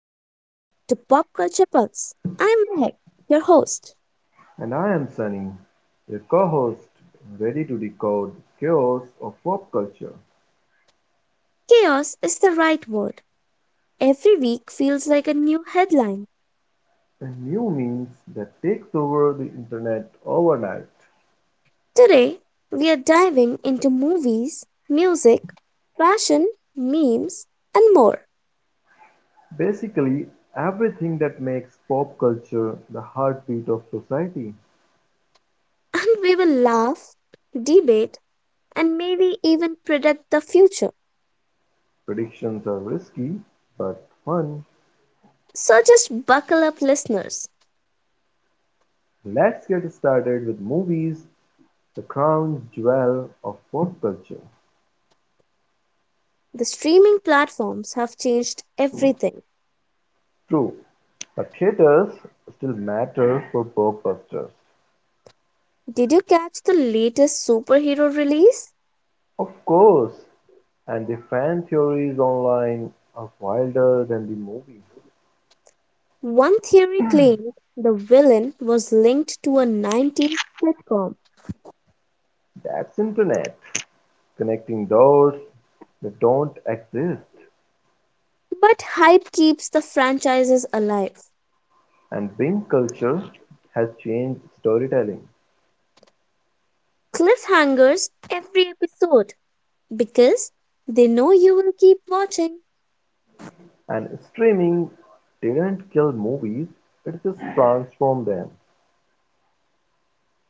to Pop Culture Pulse. I am Mehak, your host. And I am Sunny, your co-host, ready to decode the chaos of pop culture Chaos is the right word. Every week feels like a new headline. and new memes that takes over the internet overnight. Today, we are diving into movies, music, fashion, memes, and more. Basically, everything that makes pop culture the heartbeat of society. And we will laugh, debate, and maybe even predict the future. Predictions are risky, but fun. So just buckle up, listeners. Let's get started with movies, the crown jewel of pop culture. The streaming platforms have changed everything. True, but theaters still matter for blockbusters. Did you catch the latest superhero release? Of course, and the fan theories online are wilder than the movie. One theory claimed the villain was linked to a 90s sitcom, That's internet, connecting dots that don't exist. but hype keeps the franchises alive. And Bing culture has changed storytelling. Cliffhangers every episode because they know you will keep watching. And streaming didn't kill movies, it just transformed them.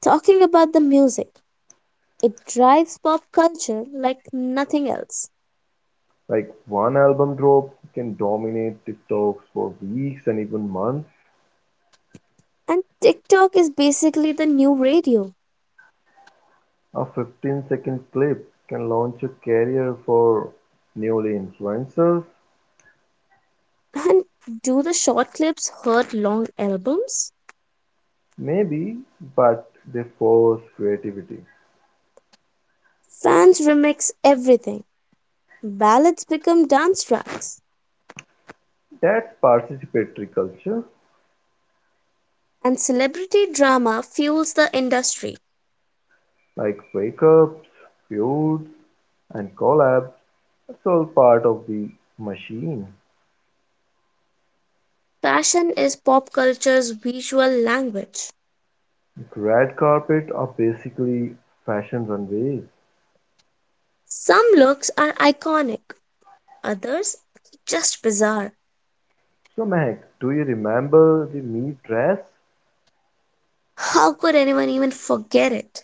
Talking about the music, it drives pop culture like nothing else. Like one album drop can dominate TikToks for weeks and even months. And TikTok is basically the new radio. A 15-second clip can launch a career for newly influencers. And do the short clips hurt long albums? Maybe, but they force creativity. Fans remix everything. Ballads become dance tracks. That's participatory culture, And celebrity drama fuels the industry. like breakups, feuds, and collabs. It's all part of the machine. Fashion is pop culture's visual language. Red carpet are basically fashion runways. Some looks are iconic, others just bizarre. So, Mac, do you remember the me dress? How could anyone even forget it?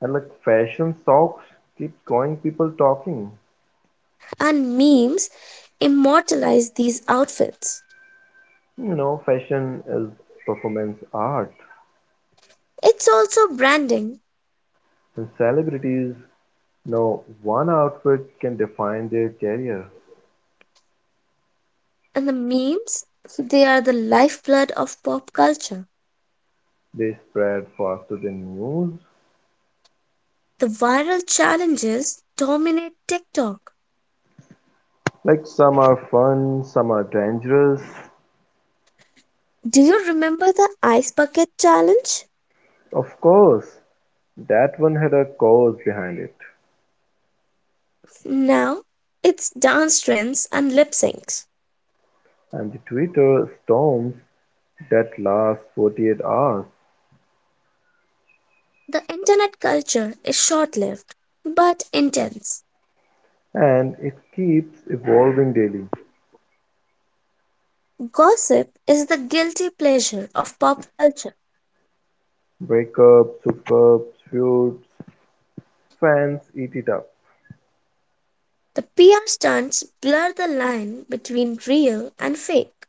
And like fashion socks keeps going, people talking. And memes immortalize these outfits. You know, fashion is performance art, It's also branding, and celebrities. No one outfit can define their career. and the memes, they are the lifeblood of pop culture. They spread faster than news. The viral challenges dominate TikTok. Like some are fun, some are dangerous. Do you remember the ice bucket challenge? Of course, that one had a cause behind it. Now it's dance trends and lip syncs. And the Twitter storms that last 48 hours The internet culture is short lived but intense. and it keeps evolving daily. Gossip is the guilty pleasure of pop culture. Breakups, hookups, feuds, fans eat it up. The PR stunts blur the line between real and fake.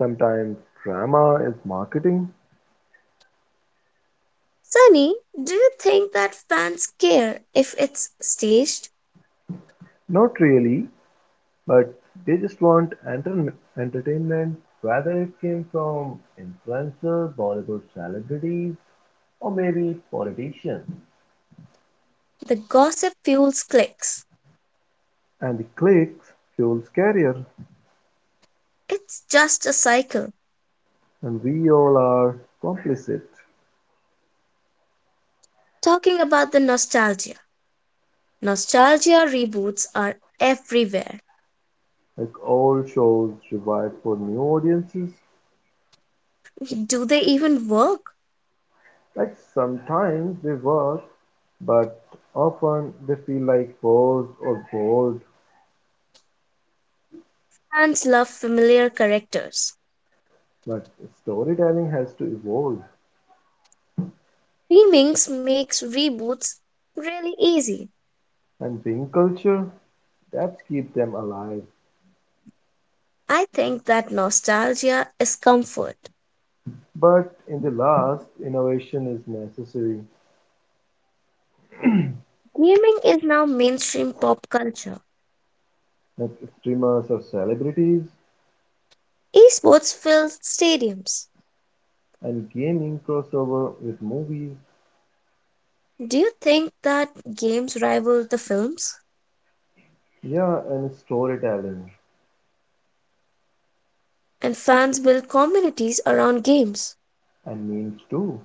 Sometimes drama is marketing. Sunny, do you think that fans care if it's staged? Not really, but they just want entertainment, whether it came from influencers, Bollywood celebrities, or maybe politicians. The gossip fuels clicks. And the clicks fuels career, It's just a cycle. and we all are complicit. Talking about the nostalgia. Nostalgia reboots are everywhere. Like all shows revived for new audiences. Do they even work? Like sometimes they work, but often they feel like forced or bored. Fans love familiar characters. But storytelling has to evolve, Remakes makes reboots really easy. and being culture, that's keep them alive. I think that nostalgia is comfort. But in the last, innovation is necessary, Gaming is now mainstream pop culture. like streamers or celebrities, Esports fill stadiums. and gaming crossover with movies, Do you think that games rival the films? yeah, and storytelling, And fans build communities around games. and memes too.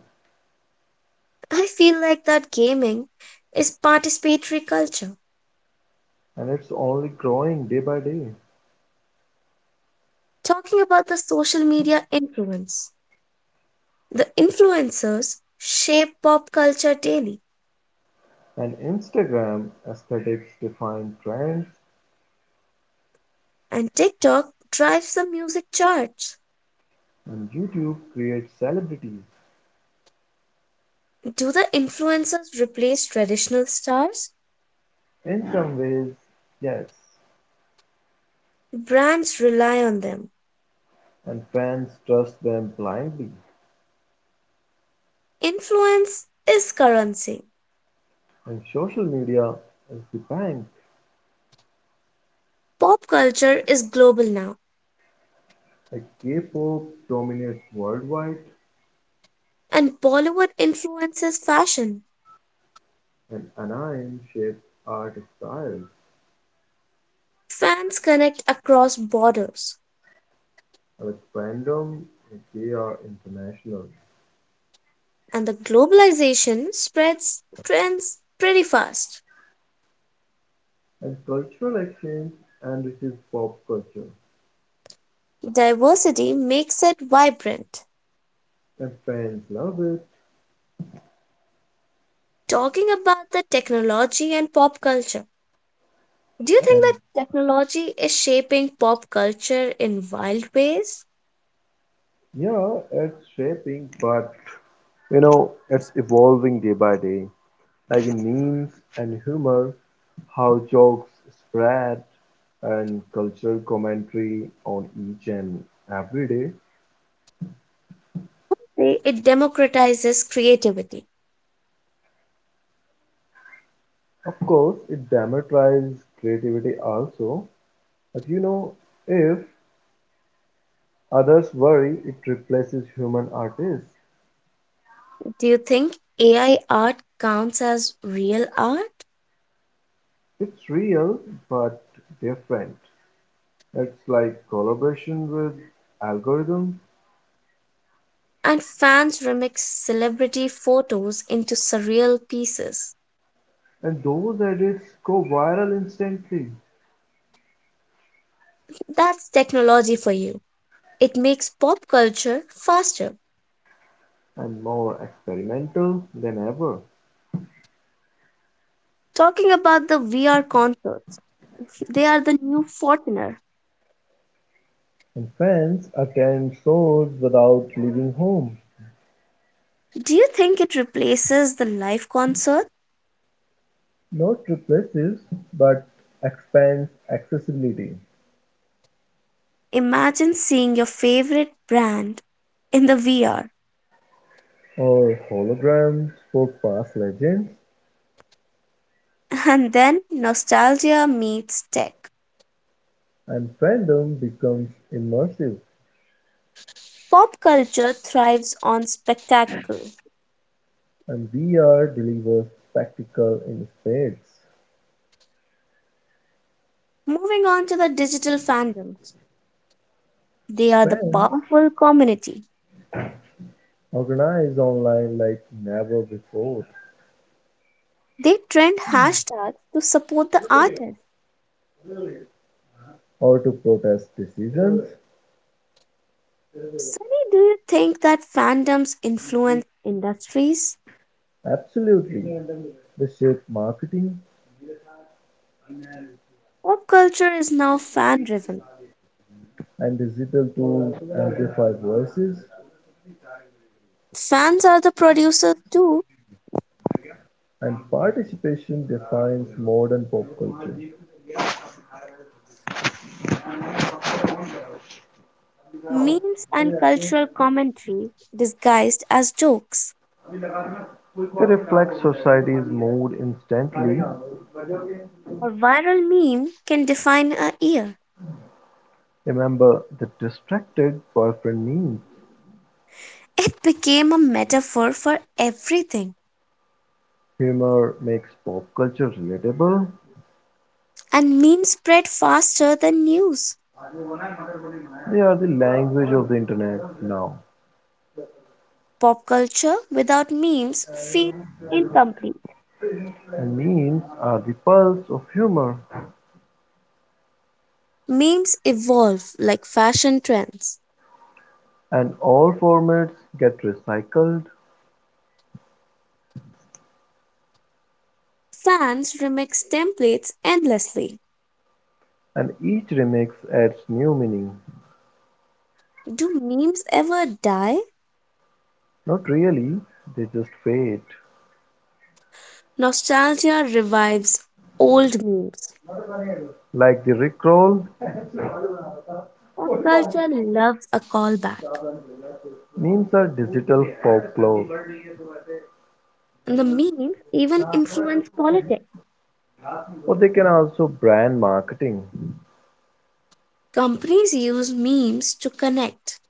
I feel like that gaming is participatory culture. And it's only growing day by day. Talking about the social media influence. The influencers shape pop culture daily, And Instagram aesthetics define trends, and TikTok drives the music charts. and YouTube creates celebrities. Do the influencers replace traditional stars? In some ways, yes, Brands rely on them. and fans trust them blindly. Influence is currency. And social media is the bank. Pop culture is global now, Like K-pop dominates worldwide, and Bollywood influences fashion. and anion-shaped art style, Fans connect across borders, fandom, they are international, and the globalization spreads trends pretty fast. and cultural exchange enriches pop culture, Diversity makes it vibrant. and fans love it, Talking about the technology and pop culture. Do you think and that technology is shaping pop culture in wild ways? yeah, it's shaping, but you know, it's evolving day by day, like in memes and humor, how jokes spread, and cultural commentary on each and every day. Say, it democratizes creativity. Of course, it democratizes creativity also, but you know, if others worry, it replaces human artists. Do you think AI art counts as real art? It's real but different. It's like collaboration with algorithms, And fans remix celebrity photos into surreal pieces. and those edits go viral instantly That's technology for you. It makes pop culture faster. and more experimental than ever. Talking about the VR concerts, they are the new Fortner. And fans attend shows without leaving home. Do you think it replaces the live concert? Not replaces, but expands accessibility. Imagine seeing your favorite brand in the VR. Or holograms for past legends. And then nostalgia meets tech. And fandom becomes immersive, Pop culture thrives on spectacle. and VR delivers spectacle in spades. Moving on to the digital fandoms, they are the Fans powerful community. organize online like never before, They trend hashtags to support the artist. or to protest decisions. Sunny, do you think that fandoms influence industries? Absolutely. They shape marketing Pop culture is now fan driven. and digital tools amplify voices. Fans are the producers too. And participation defines modern pop culture. Memes and cultural commentary disguised as jokes. It reflects society's mood instantly. A viral meme can define a year. Remember the distracted boyfriend meme. It became a metaphor for everything, Humor makes pop culture relatable. and memes spread faster than news. They are the language of the internet now, Pop culture without memes feels incomplete. and memes are the pulse of humor. Memes evolve like fashion trends. And all formats get recycled, Fans remix templates endlessly. and each remix adds new meaning. Do memes ever die? Not really, they just fade. Nostalgia revives old memes. Like the Rickroll, Pop culture loves a callback, memes are digital folklore, and the memes even influence politics. or they can also brand marketing, Companies use memes to connect,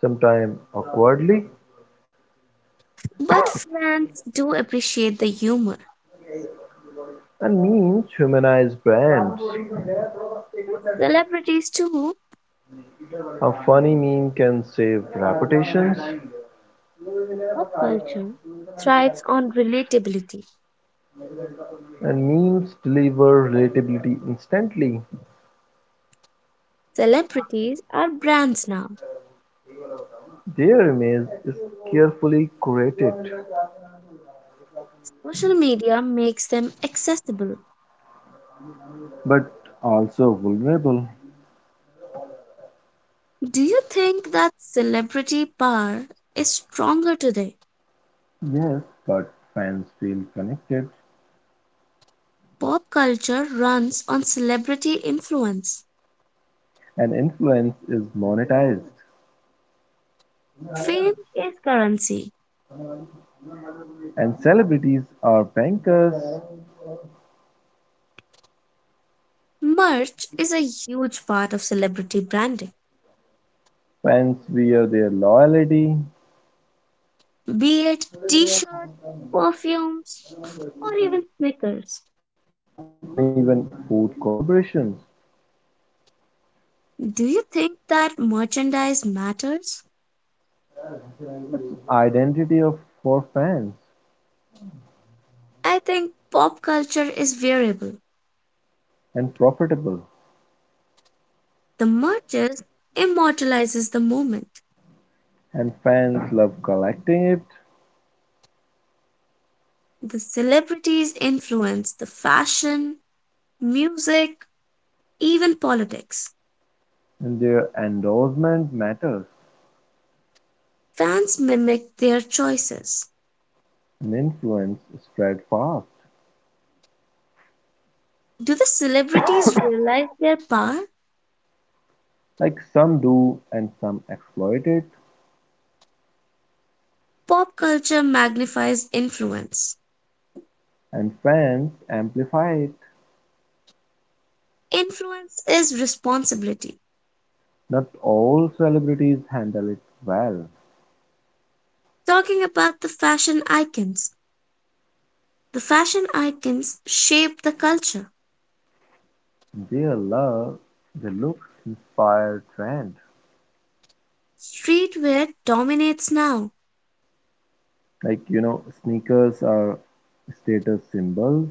sometimes awkwardly. but fans do appreciate the humor. And memes humanize brands. Celebrities, too, A funny meme can save reputations, pop culture thrives on relatability. and memes deliver relatability instantly. Celebrities are brands now. Their image is carefully curated, Social media makes them accessible. but also vulnerable. Do you think that celebrity power is stronger today? Yes, but fans feel connected, Pop culture runs on celebrity influence. and influence is monetized. Fame is currency. And celebrities are bankers. Merch is a huge part of celebrity branding, Fans wear their loyalty, be it t shirts, perfumes, or even sneakers. and even food collaborations. Do you think that merchandise matters? Identity of for fans I think pop culture is variable. and profitable, The merches immortalizes the moment. and fans love collecting it, The celebrities influence the fashion, music, even politics. and their endorsement matters, Fans mimic their choices. and influence spread fast. Do the celebrities realize their power? Like some do, and some exploit it, Pop culture magnifies influence. and fans amplify it. Influence is responsibility. Not all celebrities handle it well. Talking about the fashion icons shape the culture. They love the looks, inspired trend. Streetwear dominates now. Like you know, sneakers are status symbols.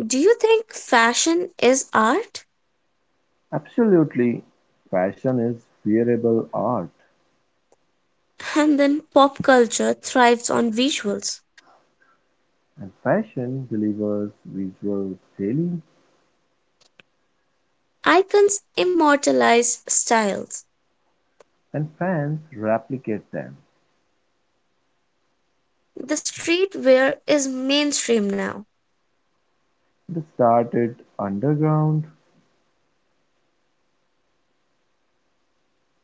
Do you think fashion is art? Absolutely, fashion is wearable art, And then pop culture thrives on visuals. and fashion delivers visuals daily, Icons immortalize styles. and fans replicate them. The streetwear is mainstream now. It started underground,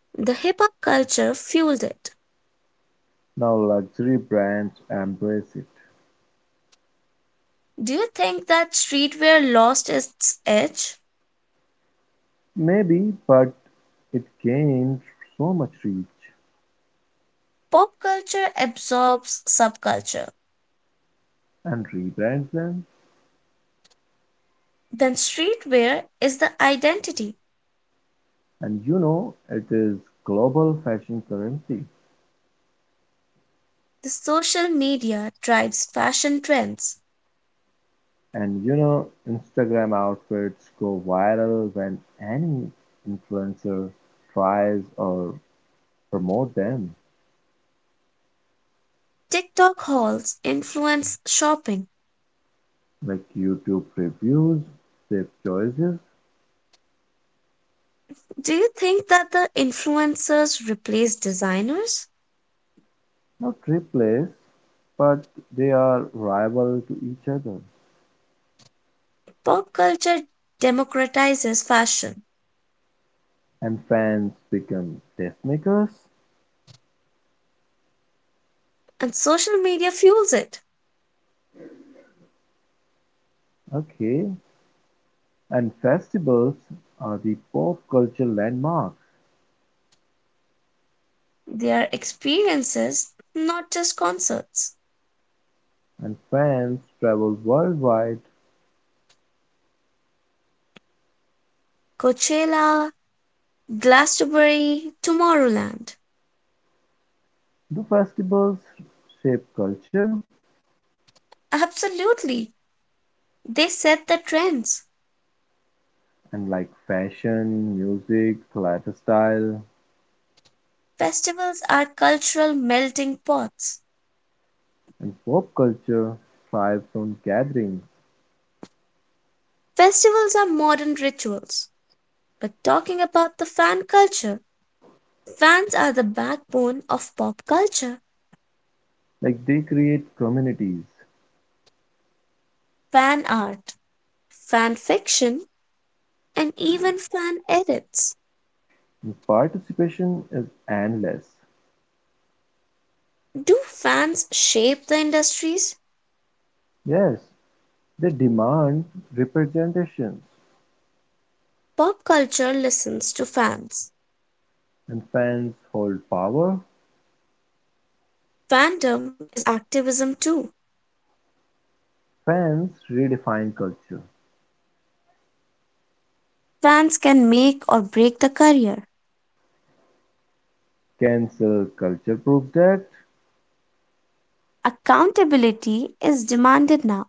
The hip hop culture fueled it. now luxury brands embrace it. Do you think that streetwear lost its edge? Maybe, but it gained so much reach Pop culture absorbs subculture. and rebrands them. Then streetwear is the identity. And you know, it is global fashion currency. The social media drives fashion trends. And you know, Instagram outfits go viral when any influencer tries or promote them. TikTok hauls influence shopping. Like YouTube reviews, safe choices, Do you think that the influencers replace designers? not replace, but they are rival to each other. Pop culture democratizes fashion, And fans become tastemakers. and social media fuels it. Okay. And festivals are the pop culture landmarks. They are experiences, not just concerts. And fans travel worldwide. Coachella, Glastonbury, Tomorrowland. Do festivals shape culture? Absolutely. They set the trends. And like fashion, music, lifestyle, Festivals are cultural melting pots. and pop culture thrives on gatherings. Festivals are modern rituals. But talking about the fan culture, fans are the backbone of pop culture. Like they create communities, Fan art, fan fiction, and even fan edits. and participation is endless. Do fans shape the industries? Yes, they demand representations, Pop culture listens to fans. and fans hold power. Fandom is activism too. Fans redefine culture. Fans can make or break the career. Cancel culture proves that, Accountability is demanded now.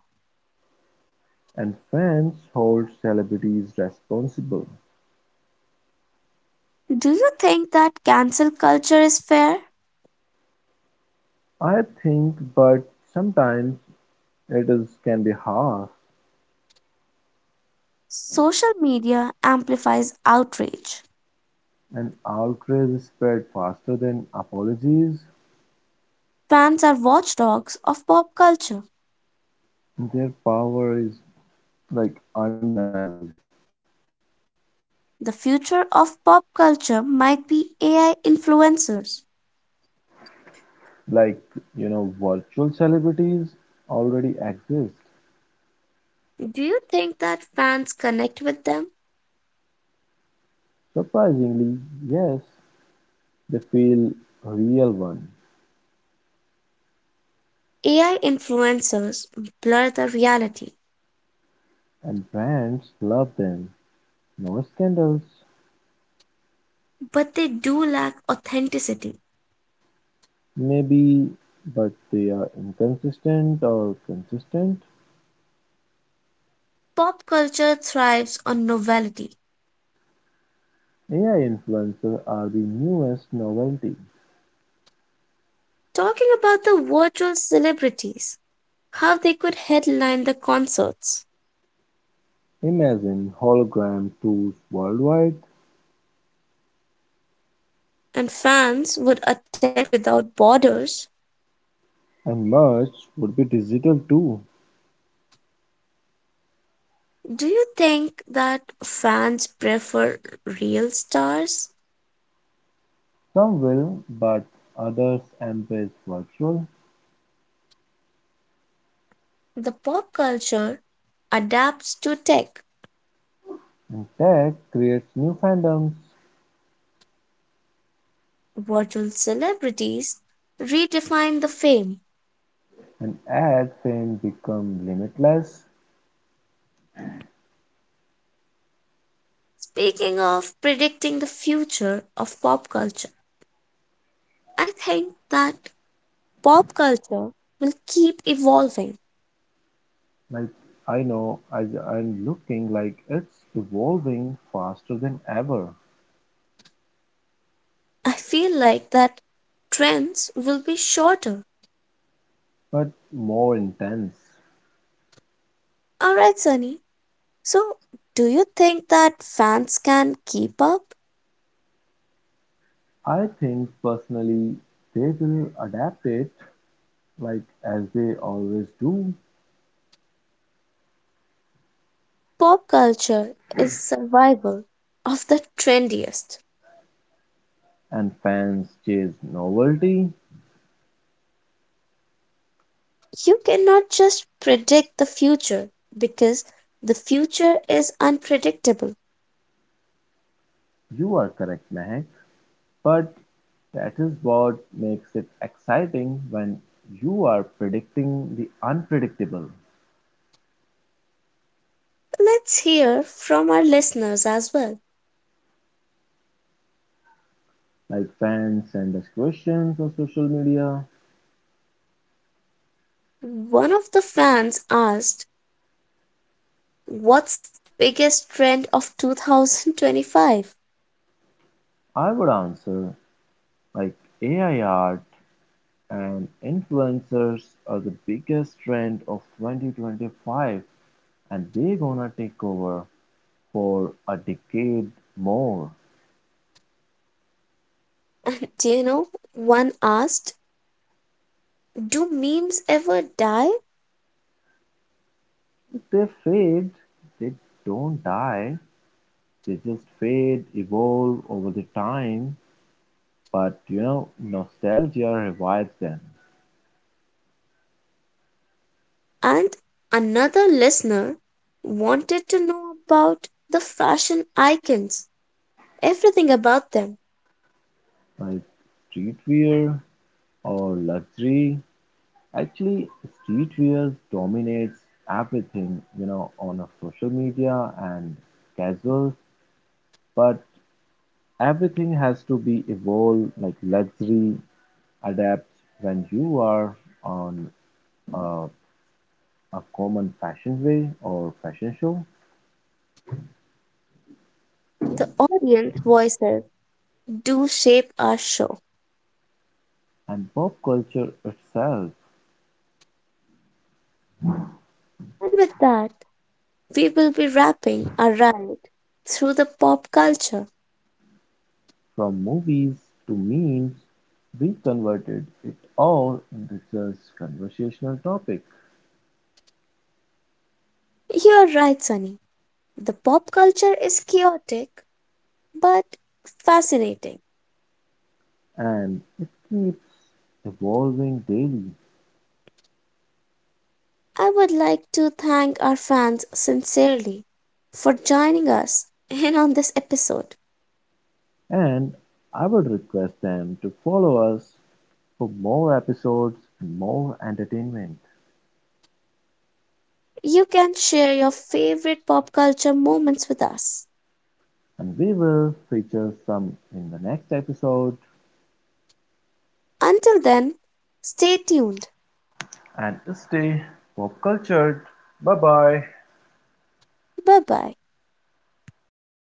and fans hold celebrities responsible. Do you think that cancel culture is fair? I think, but sometimes it is can be harsh. Social media amplifies outrage. And outrage spread faster than apologies. Fans are watchdogs of pop culture. Their power is like undeniable. The future of pop culture might be AI influencers. Like, you know, virtual celebrities already exist. Do you think that fans connect with them? Surprisingly, yes, they feel real one. AI influencers blur the reality, And brands love them. No scandals, but they do lack authenticity. maybe, but they are inconsistent or consistent. Pop culture thrives on novelty. AI influencers are the newest novelty. Talking about the virtual celebrities, how they could headline the concerts Imagine hologram tours worldwide. and fans would attend without borders. And much would be digital too. Do you think that fans prefer real stars? Some will, but others embrace virtual, The pop culture adapts to tech, and tech creates new fandoms, virtual celebrities redefine the fame. and ad fame become limitless. Speaking of predicting the future of pop culture, I think that pop culture will keep evolving. Like I know, I'm looking like it's evolving faster than ever, I feel like that trends will be shorter. but more intense. All right, Sunny. So, do you think that fans can keep up? I think personally they will adapt it like as they always do, Pop culture is survival of the trendiest. and fans chase novelty. You cannot just predict the future because the future is unpredictable. You are correct, Mehak. But that is what makes it exciting when you are predicting the unpredictable. Let's hear from our listeners as well. Like fans send us questions on social media, One of the fans asked, "What's the biggest trend of 2025?" I would answer like AI art and influencers are the biggest trend of 2025 and they're gonna take over for a decade more. Do you know? One asked, "Do memes ever die?" If they fade, they don't die, they just fade, evolve over the time, but you know, nostalgia revives them. And another listener wanted to know about the fashion icons, everything about them. Like streetwear or luxury. Actually, streetwear dominates everything, you know, on a social media and casual. But everything has to be evolved, like luxury adapts when you are on a, a common fashion way or fashion show, The audience voices do shape our show. and pop culture itself. And with that, we will be wrapping our ride through the pop culture. From movies to memes, we converted it all into just conversational topic You're right, Sunny. The pop culture is chaotic but fascinating. and it keeps evolving daily. I would like to thank our fans sincerely for joining us in on this episode. And I would request them to follow us for more episodes and more entertainment. You can share your favorite pop culture moments with us. And we will feature some in the next episode. Until then, stay tuned. And stay pop cultured. Bye bye. Bye bye.